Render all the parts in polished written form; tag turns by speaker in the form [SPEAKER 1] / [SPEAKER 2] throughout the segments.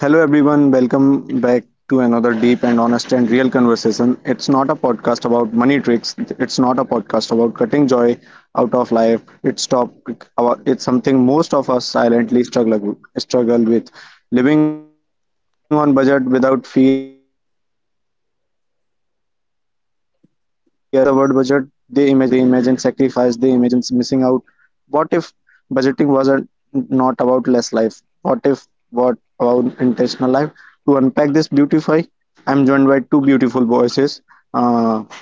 [SPEAKER 1] Hello, everyone. Welcome back to another deep and honest and real conversation. It's not a podcast about money tricks. It's not a podcast about cutting joy out of life. It's something most of us silently struggle with. Living on budget without fear, feeling limited, because let's be honest, when people hear the word budget, they imagine restriction, they imagine sacrifice, they imagine missing out. What if budgeting was not about less life? What if what about intentional life? To unpack this beautify, I'm joined by two beautiful voices. Uh,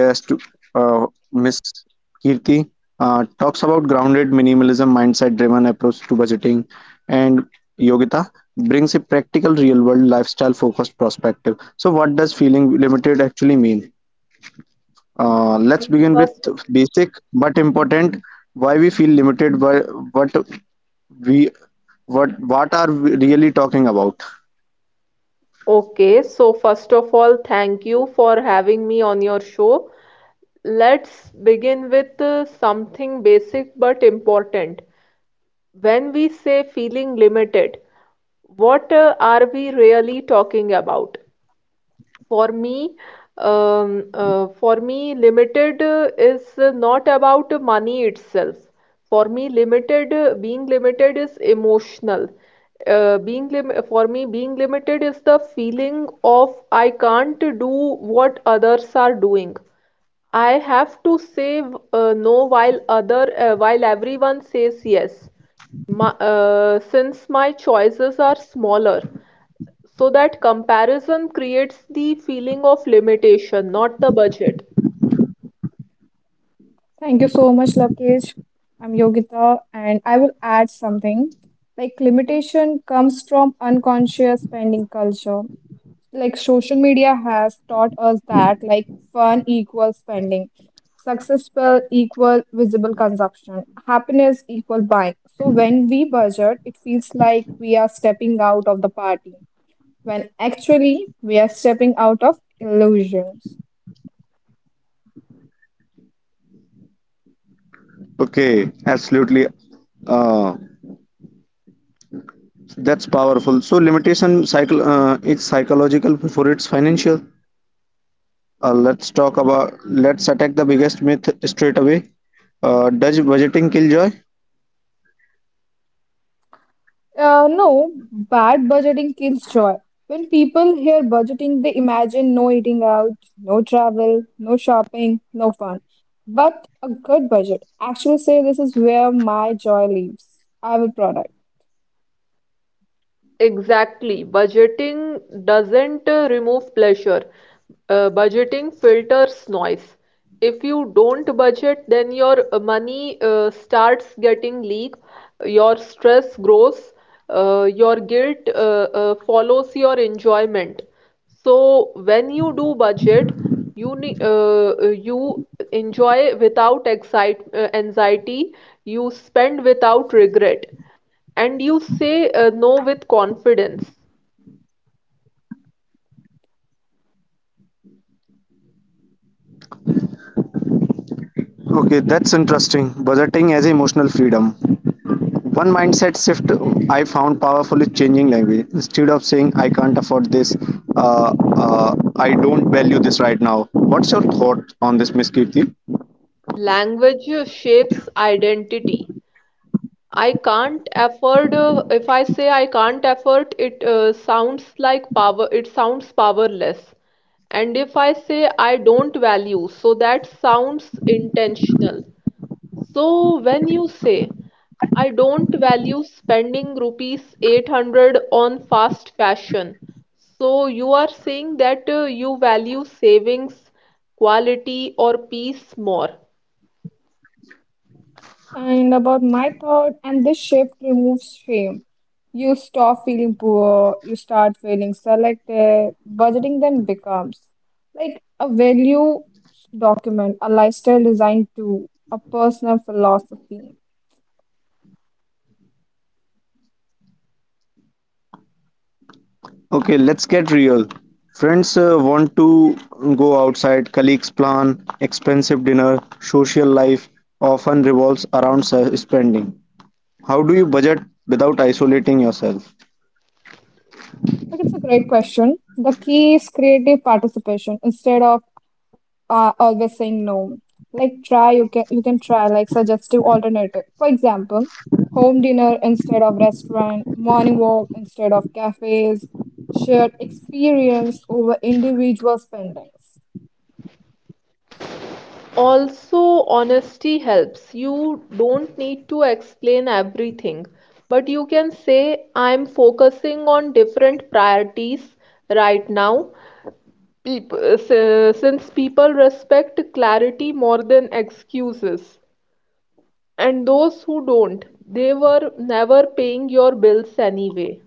[SPEAKER 1] guest uh, Ms. Kirti talks about grounded minimalism mindset driven approach to budgeting and Yogita brings a practical real world lifestyle focused perspective. So what does feeling limited actually mean? Let's begin with
[SPEAKER 2] First,
[SPEAKER 1] basic but important why we feel limited why, what we what are we really talking about.
[SPEAKER 2] okay, so first of all, thank you for having me on your show. Let's begin with something basic but important. When we say feeling limited, what are we really talking about? For me, for me, limited is not about money itself. For me, being limited is emotional. Being limited is the feeling of I can't do what others are doing. I have to say no while other while everyone says yes. Since my choices are smaller, so that comparison creates the feeling of limitation, not the budget.
[SPEAKER 3] Thank you so much, Lokesh. I'm Yogita, and I will add something. Like limitation comes from unconscious spending culture. Like social media has taught us that fun equals spending, successful equal visible consumption, happiness equal buying. So when we budget, it feels like we are stepping out of the party, when actually we are stepping out of illusions.
[SPEAKER 1] Okay, absolutely. uh That's powerful. So limitation cycle is psychological before it's financial. Let's talk about let's attack the biggest myth straight away. Does budgeting kill joy?
[SPEAKER 3] No, bad budgeting kills joy. When people hear budgeting, they imagine no eating out, no travel, no shopping, no fun. But a good budget actually say this is where my joy lives. I will product.
[SPEAKER 2] Exactly. Budgeting doesn't remove pleasure. Budgeting filters noise. If you don't budget, then your money starts getting leaked, your stress grows, your guilt follows your enjoyment. So when you do budget, you ne- uh, you enjoy without excite anxiety, you spend without regret. And you say no with confidence.
[SPEAKER 1] Okay, that's interesting. Budgeting as emotional freedom. One mindset shift I found powerful is changing language. Instead of saying I can't afford this, I don't value this right now. What's your thought on this, Miss Kirti?
[SPEAKER 2] Language shapes identity. I can't afford, if I say I can't afford, it sounds like power, it sounds powerless. And if I say I don't value, so that sounds intentional. So when you say, I don't value spending rupees 800 on fast fashion, so you are saying that you value savings, quality, or peace more.
[SPEAKER 3] And about my thought, and this shift removes shame. You stop feeling poor, you start feeling selected. Budgeting then becomes like a value document, a lifestyle design tool, a personal philosophy.
[SPEAKER 1] Okay, let's get real. Friends want to go outside, colleagues plan expensive dinner, social life often revolves around spending. How do you budget without isolating yourself?
[SPEAKER 3] Like it's a great question. The key is creative participation instead of always saying no. Like try you can try like suggestive alternative. For example, home dinner instead of restaurant, morning walk instead of cafes, shared experience over individual spendings.
[SPEAKER 2] Also, honesty helps. You don't need to explain everything, but you can say, I'm focusing on different priorities right now. People, since people respect clarity more than excuses. And those who don't, they were never paying your bills anyway.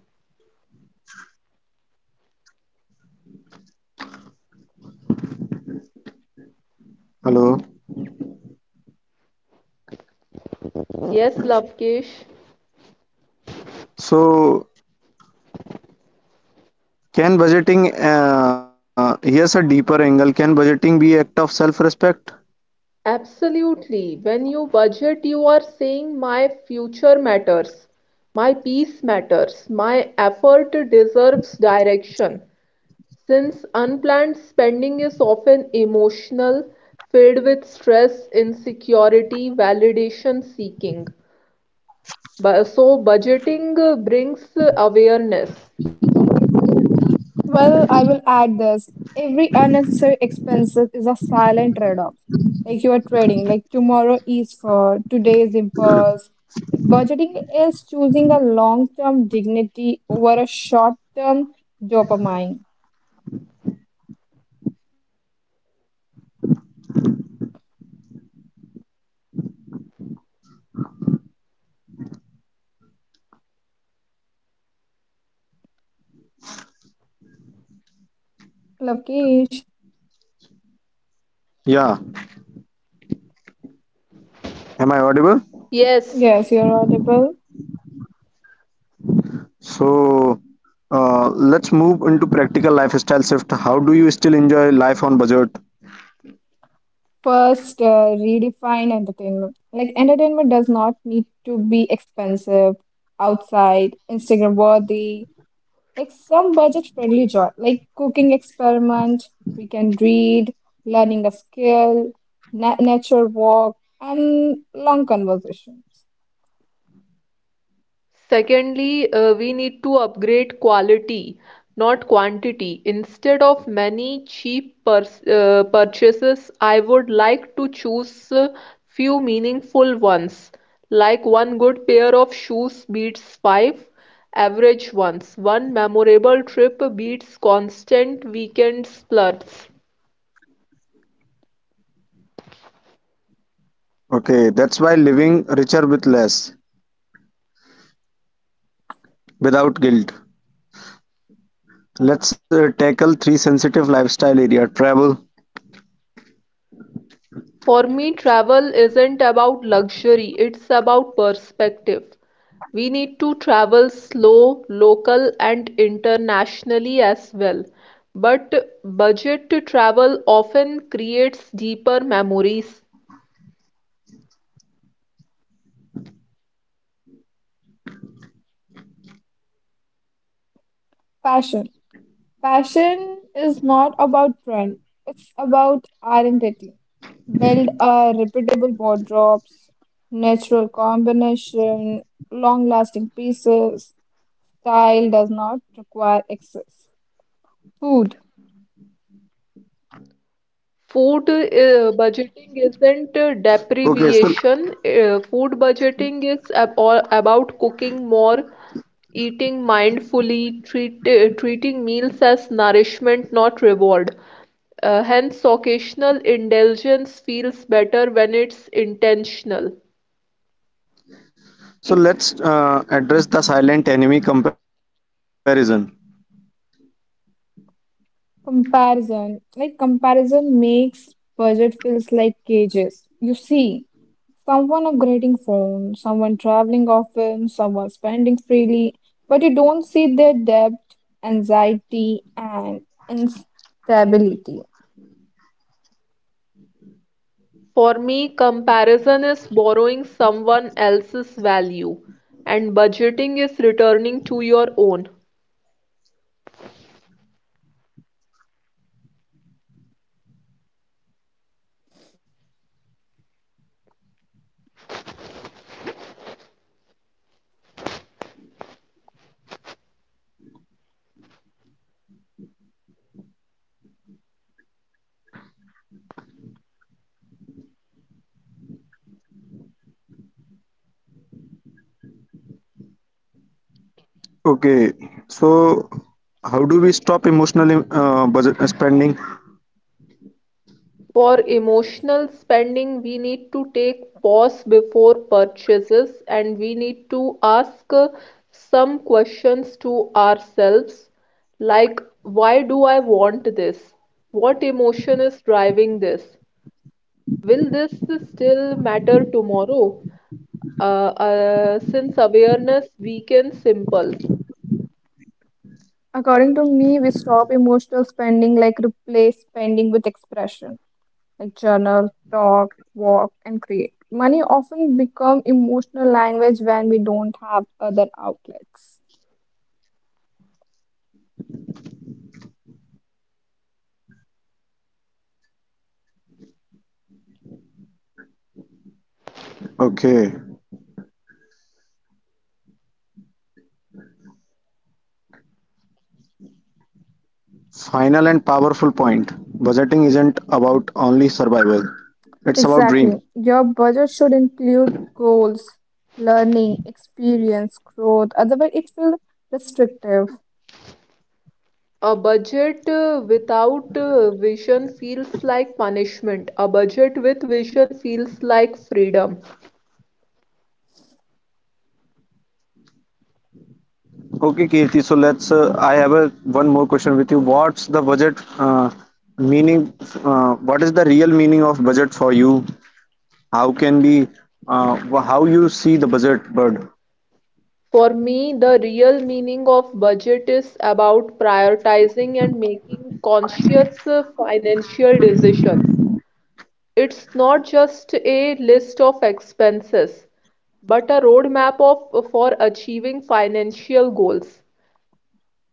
[SPEAKER 1] Hello.
[SPEAKER 2] Yes, Lavkesh.
[SPEAKER 1] So, can budgeting, here's a deeper angle, can budgeting be act of self-respect?
[SPEAKER 2] Absolutely. When you budget, you are saying my future matters, my peace matters, my effort deserves direction. Since unplanned spending is often emotional, filled with stress, insecurity, validation seeking. So, budgeting brings awareness.
[SPEAKER 3] Well, I will add this. Every unnecessary expenses is a silent trade-off. Like you are trading, like tomorrow is for today's impulse. Like budgeting is choosing a long-term dignity over a short-term dopamine. Lavkesh,
[SPEAKER 1] Yeah. Am I audible?
[SPEAKER 2] Yes.
[SPEAKER 3] yes, you're audible.
[SPEAKER 1] So, let's move into practical lifestyle shift. How do you still enjoy life on budget?
[SPEAKER 3] First, redefine entertainment. Like entertainment does not need to be expensive, outside, Instagram worthy. Like some budget-friendly joy, like cooking experiment, we can read, learning a skill, na nature walk, and long conversations.
[SPEAKER 2] Secondly, we need to upgrade quality, not quantity. Instead of many cheap purchases, I would like to choose few meaningful ones. Like one good pair of shoes beats five average ones. One memorable trip beats constant weekend splurges.
[SPEAKER 1] Okay, that's why living richer with less, without guilt. Let's tackle three sensitive lifestyle area travel.
[SPEAKER 2] For me, travel isn't about luxury, it's about perspective. We need to travel slow, local, and internationally as well. But budget travel often creates deeper memories.
[SPEAKER 3] Passion. Passion is not about trend, it's about identity. Build a repeatable wardrobes, natural combination, long-lasting pieces. Style does not require excess. Food.
[SPEAKER 2] Food
[SPEAKER 1] Okay, so
[SPEAKER 2] budgeting isn't deprivation. Food budgeting is ab all about cooking more, eating mindfully, treating meals as nourishment, not reward. Hence, occasional indulgence feels better when it's intentional.
[SPEAKER 1] so let's address the silent enemy comparison.
[SPEAKER 3] Comparison. Like comparison makes budget feels like cages. You see, someone upgrading phone, someone traveling often, someone spending freely, but you don't see their debt, anxiety, and instability.
[SPEAKER 2] For me, comparison is borrowing someone else's value, and budgeting is returning to your own.
[SPEAKER 1] Okay, so how do we stop emotional budget spending?
[SPEAKER 2] For emotional spending, we need to take pause before purchases and we need to ask some questions to ourselves like, why do I want this? What emotion is driving this? Will this still matter tomorrow? Since awareness weakens impulse.
[SPEAKER 3] According to me, we stop emotional spending like replace spending with expression, like journal, talk, walk, and create. Money often become emotional language when we don't have other outlets.
[SPEAKER 1] Okay, final and powerful point. Budgeting isn't about only survival; it's about dream.
[SPEAKER 3] Exactly. Your budget should include goals, learning, experience, growth. Otherwise, it feels restrictive.
[SPEAKER 2] A budget without vision feels like punishment. A budget with vision feels like freedom.
[SPEAKER 1] Okay, Kirti. So let's. I have a one more question with you. What's the budget meaning? What is the real meaning of budget for you? How can be? How you see the budget bird?
[SPEAKER 2] For me, the real meaning of budget is about prioritizing and making conscious financial decisions. It's not just a list of expenses, but a roadmap of for achieving financial goals.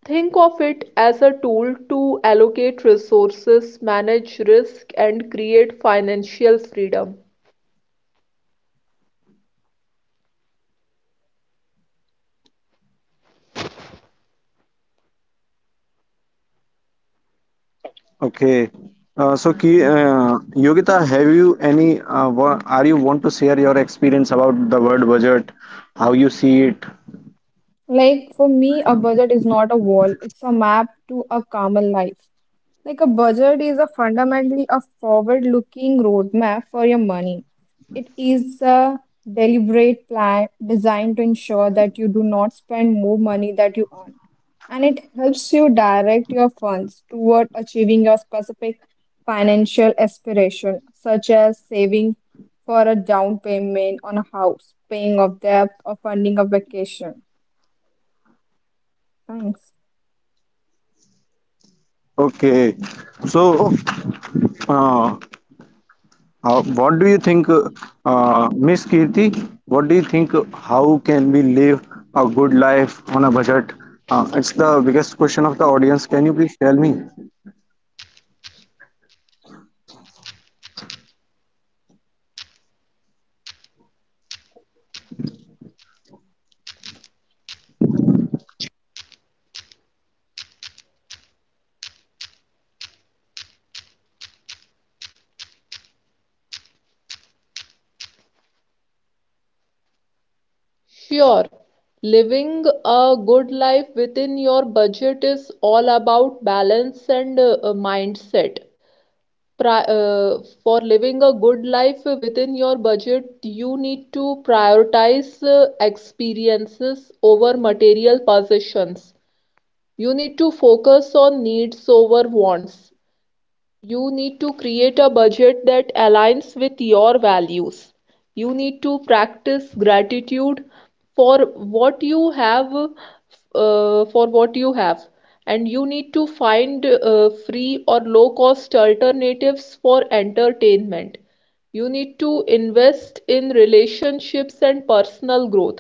[SPEAKER 2] Think of it as a tool to allocate resources, manage risk, and create financial freedom.
[SPEAKER 1] Okay. So, Yogita, have you any? Are you want to share your experience about the word budget? How you see it?
[SPEAKER 3] Like for me, a budget is not a wall, it's a map to a calmer life. Like a budget is a fundamentally a forward-looking roadmap for your money. It is a deliberate plan designed to ensure that you do not spend more money that you earn, and it helps you direct your funds toward achieving your specific financial aspiration, such as saving for a down payment on a house, paying off debt, or funding a vacation. Thanks.
[SPEAKER 1] Okay. So, uh, what do you think, Miss Kirti? What do you think? How can we live a good life on a budget? It's the biggest question of the audience. Can you please tell me?
[SPEAKER 2] Sure, living a good life within your budget is all about balance and mindset. Pri- uh, for living a good life within your budget, you need to prioritize experiences over material possessions. You need to focus on needs over wants. You need to create a budget that aligns with your values. You need to practice gratitude for what you have, for what you have. And you need to find free or low-cost alternatives for entertainment. You need to invest in relationships and personal growth.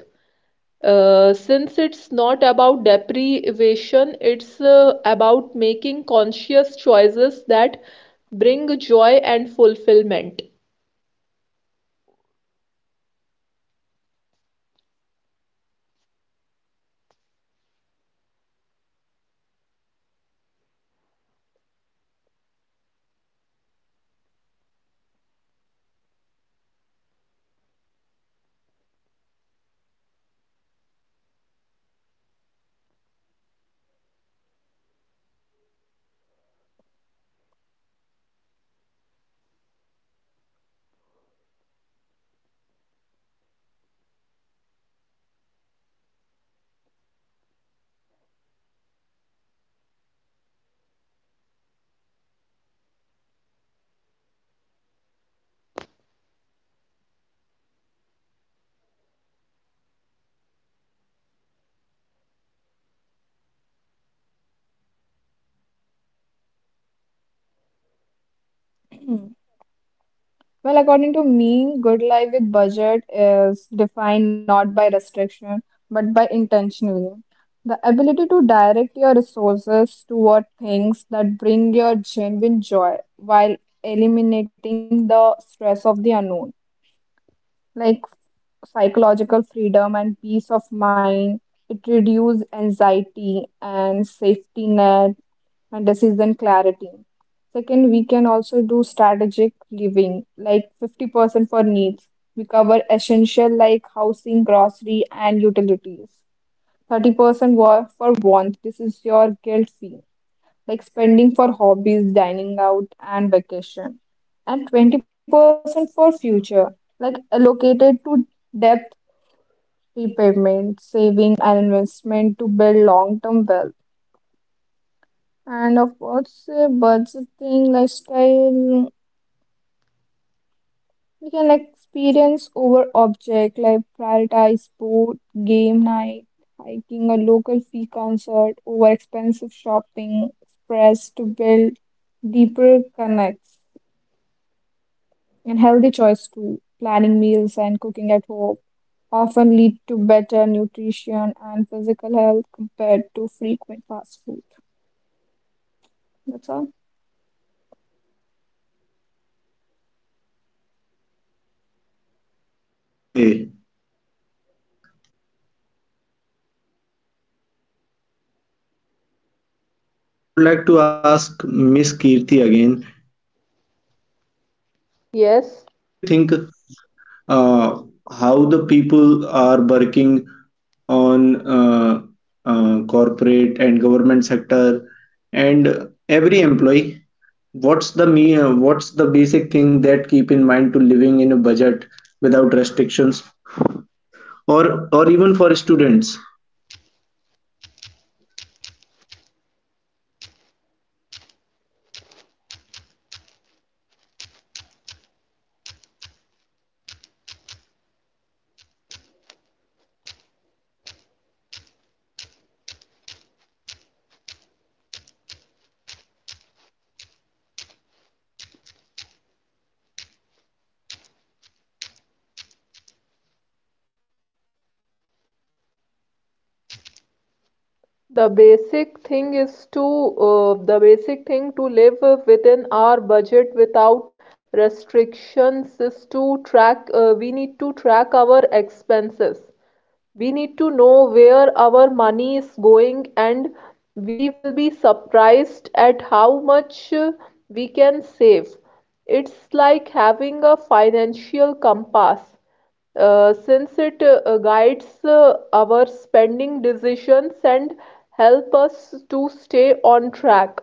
[SPEAKER 2] Since it's not about deprivation, it's about making conscious choices that bring joy and fulfillment.
[SPEAKER 1] Hello, am I audible, Yogita? Am I audible?
[SPEAKER 3] Well, according to me, good life with budget is defined not by restriction but by intentionally. The ability to direct your resources toward things that bring your genuine joy while eliminating the stress of the unknown, like psychological freedom and peace of mind. It reduces anxiety and safety net and decision clarity. Second, we can also do strategic living, like 50% for needs. We cover essential like housing, grocery, and utilities. 30% for wants. This is your guilt fee, like spending for hobbies, dining out, and vacation. And 20% for future, like allocated to debt repayment, saving, and investment to build long-term wealth. And of course, budgeting, lifestyle. We can like experience over object, like prioritize sport, game night, hiking, a local free concert over expensive shopping, express to build deeper connects and healthy choice too. Planning meals and cooking at home often lead to better nutrition and physical health compared to frequent fast food. That's all.
[SPEAKER 1] Okay, I would like to ask Miss Kirti again. Kirti, what
[SPEAKER 2] Yes,
[SPEAKER 1] do you think? uh, how the people are working on corporate and government sector and every employee what's the basic thing that keep in mind to living in a budget without restrictions or even for students.
[SPEAKER 2] the basic thing is to the basic thing to live within our budget without restrictions is to track we need to track our expenses. We need to know where our money is going, and we will be surprised at how much we can save. It's like having a financial compass, since it guides our spending decisions and help us to stay on track.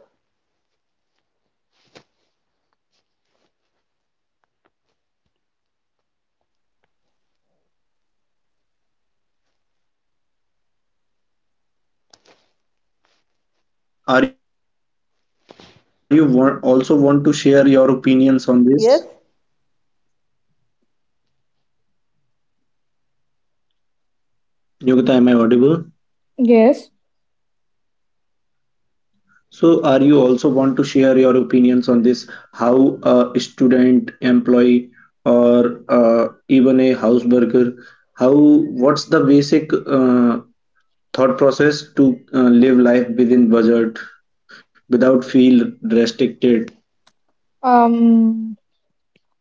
[SPEAKER 1] Okay, so Miss Yogita, are you want, also want to share your opinions on this?
[SPEAKER 2] Yes,
[SPEAKER 1] Yogita, am I audible?
[SPEAKER 3] Yes.
[SPEAKER 1] So are you also want to share your opinions on this, how a student, employee, or even a house burger, how what's the basic thought process to live life within budget without feel restricted?
[SPEAKER 3] Um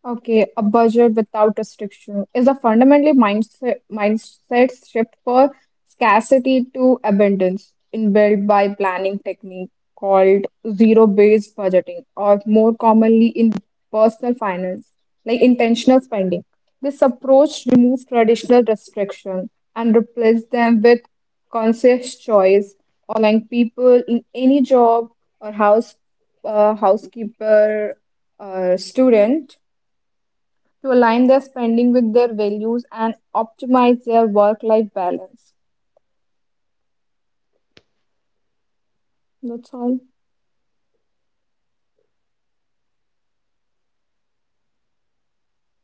[SPEAKER 3] Okay, a budget without restriction is a fundamentally mindset shift for scarcity to abundance inbuilt by planning technique called zero-based budgeting or more commonly in personal finance like intentional spending. This approach removes traditional restriction and replaces them with conscious choice, allowing people in any job or house, housekeeper, student, to align their spending with their values and optimize their work life balance. That's all.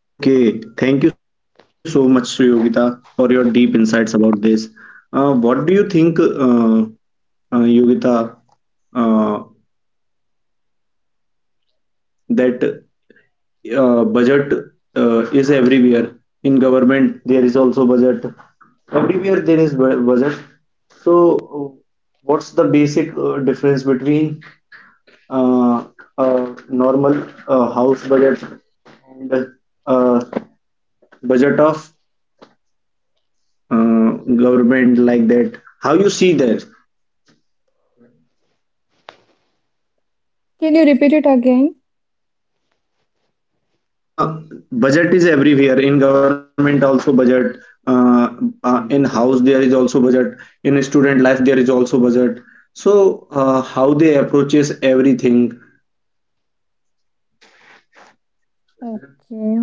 [SPEAKER 1] Okay, thank you so much, Yogita, for your deep insights about this. What do you think, Yogita, uh, that budget is everywhere in government there is also budget everywhere there is budget, so uh, what's the basic difference between uh, a normal house budget and uh, budget of uh, government, like that how you see that.
[SPEAKER 3] Can you repeat it again?
[SPEAKER 1] Uh, budget is everywhere. In government also budget. Uh, in house there is also budget. In student life there is also budget. So how they approaches everything.
[SPEAKER 3] Okay.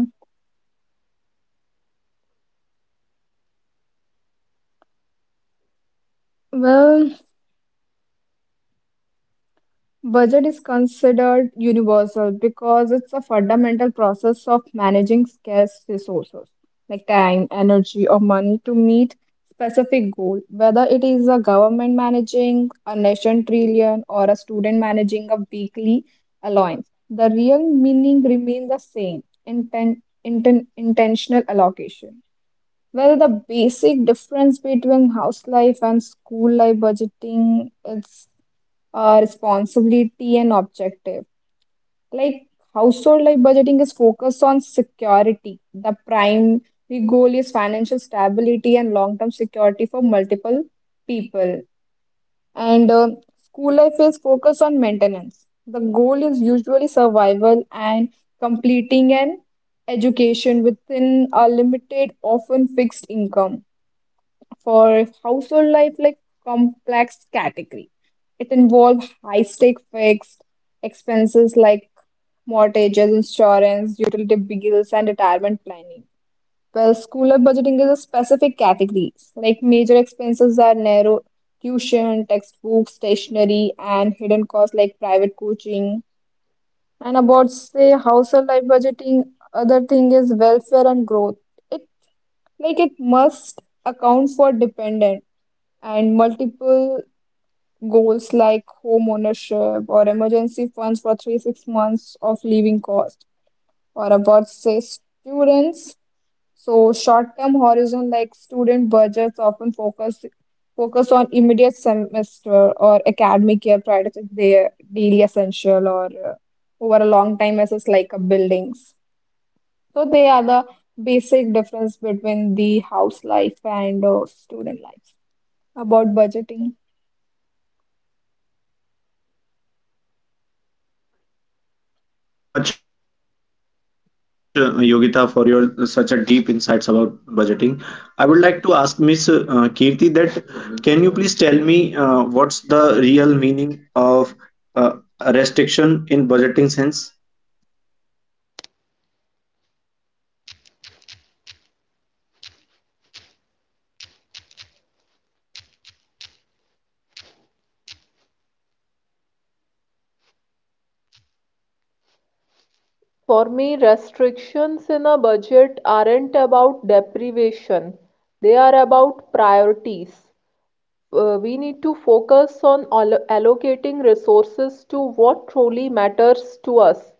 [SPEAKER 3] Well, budget is considered universal because it's a fundamental process of managing scarce resources like time, energy, or money to meet specific goal. Whether it is a government managing a nation trillion or a student managing a weekly allowance, the real meaning remains the same: intentional allocation. Well, the basic difference between house life and school life budgeting is responsibility and objective. Like household life budgeting is focused on security. The prime goal is financial stability and long term security for multiple people. And school life is focused on maintenance. The goal is usually survival and completing an education within a limited, often fixed income. For household life, like complex category, it involved high stake fixed expenses like mortgages, insurance, utility bills, and retirement planning. Well, schooler budgeting is a specific category. Like major expenses are narrow tuition, textbooks, stationery, and hidden costs like private coaching. And about say household life budgeting, other thing is welfare and growth. It like it must account for dependent and multiple goals like home ownership or emergency funds for three six months of living cost, or about say students, so short term horizon like student budgets often focus on immediate semester or academic year priorities, their daily essential, or over a long time as like a buildings. So they are the basic difference between the house life and student life about budgeting.
[SPEAKER 1] Thank you so much, Yogita, for your such a deep insights about budgeting. I would like to ask Miss Kirti that can you please tell me what's the real meaning of uh, a restriction in budgeting sense?
[SPEAKER 2] for me, restrictions in a budget aren't about deprivation. They are about priorities. We need to focus on allocating resources to what truly matters to us,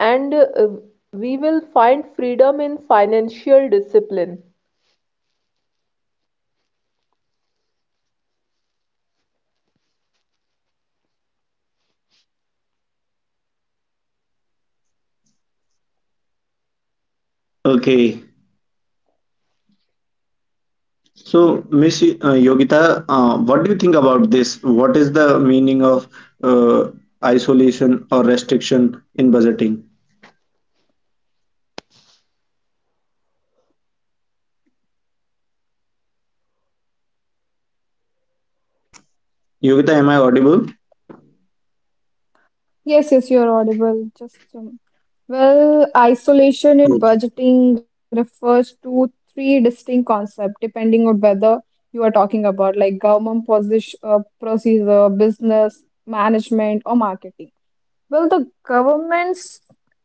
[SPEAKER 2] and we will find freedom in financial discipline.
[SPEAKER 1] Okay. So, Miss Yogita, what do you think about this? What is the meaning of uh, isolation or restriction in budgeting? Yogita, am I audible?
[SPEAKER 3] Yes, yes, you're audible. Just well, isolation in
[SPEAKER 1] Okay.
[SPEAKER 3] budgeting refers to three distinct concepts depending on whether you are talking about like government position, procedure, business management, or marketing. Well, the government's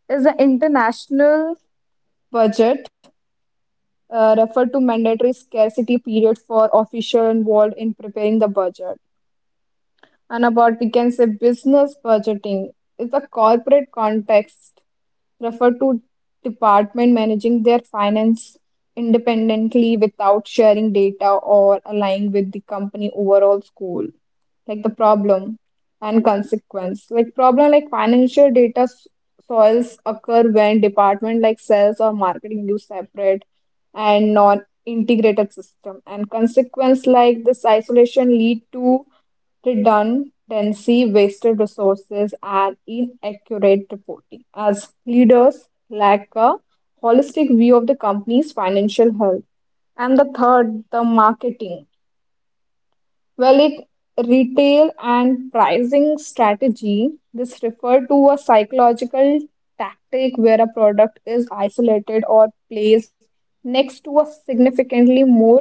[SPEAKER 3] is the international budget referred to mandatory scarcity period for official involved in preparing the budget. And about we can say business budgeting is the corporate context, refer to department managing their finance independently without sharing data or aligning with the company overall goal. Like the problem and consequence, like problem like financial data soils occur when department like sales or marketing use separate and non integrated system, and consequence like this isolation lead to redundancy, wasted resources, and inaccurate reporting, as leaders lack a holistic view of the company's financial health. And the third, the marketing. Well, it retail and pricing strategy. This refer to a psychological tactic where a product is isolated or placed next to a significantly more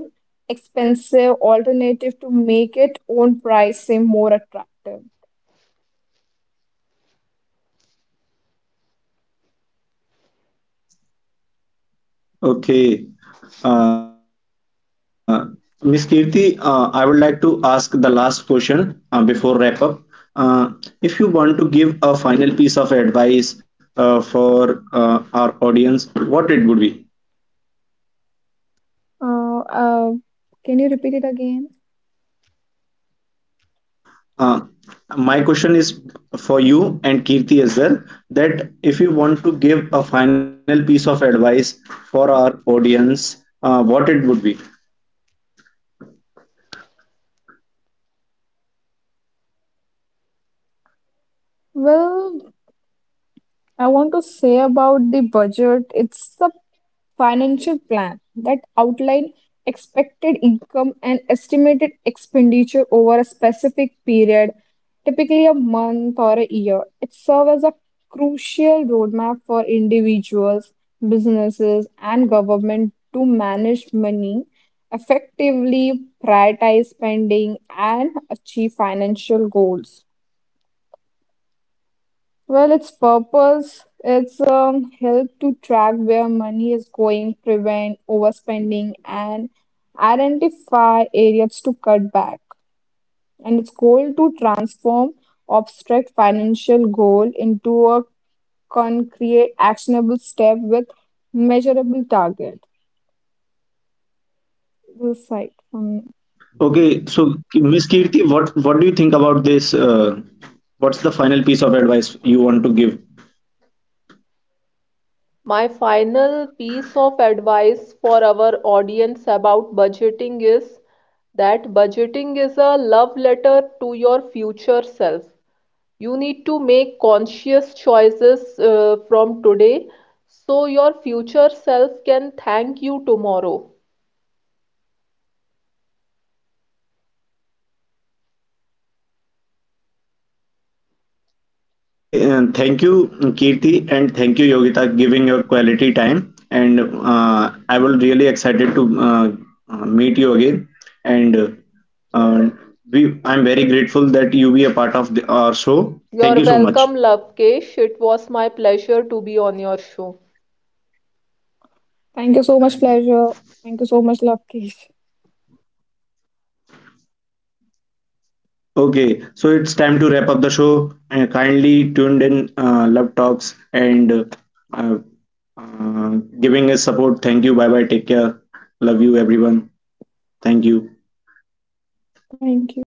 [SPEAKER 3] expensive alternative to make its own price seem more attractive.
[SPEAKER 1] Okay. Uh, Miss Kirti, I would like to ask the last question before wrap up. Uh, if you want to give a final piece of advice for our audience, what it would be?
[SPEAKER 3] Uh, uh, can you repeat it again?
[SPEAKER 1] Uh, my question is for you and Kirti as well that if you want to give a final piece of advice for our audience, what it would be.
[SPEAKER 3] Well, I want to say about the budget. It's a financial plan that outline expected income and estimated expenditure over a specific period, typically a month or a year. It serves as a crucial roadmap for individuals, businesses, and government to manage money effectively, prioritize spending, and achieve financial goals. Well, its purpose, it's help to track where money is going, prevent overspending, and identify areas to cut back. And its goal to transform abstract financial goal into a concrete, actionable step with measurable target. This is like,
[SPEAKER 1] Okay, so Miss Kirti, what do you think about this? What's the final piece of advice you want to give.
[SPEAKER 2] My final piece of advice for our audience about budgeting is that budgeting is a love letter to your future self. You need to make conscious choices from today so your future self can thank you tomorrow.
[SPEAKER 1] Okay, and thank you, Kirti, and thank you, Yogita, giving your quality time. And I was really excited to meet you again. And uh, I'm very grateful that you be a part of the, our show. Thank
[SPEAKER 2] You're
[SPEAKER 1] you so much.
[SPEAKER 2] welcome, Lovekesh. It was my pleasure to be on your show.
[SPEAKER 3] thank you so much, pleasure. Thank you so much, Lovekesh.
[SPEAKER 1] Okay, so it's time to wrap up the show. And kindly tuned in, love talks, and uh, uh, giving us support. Thank you. Bye bye. Take care. Love you, everyone. Thank you.
[SPEAKER 3] Thank you.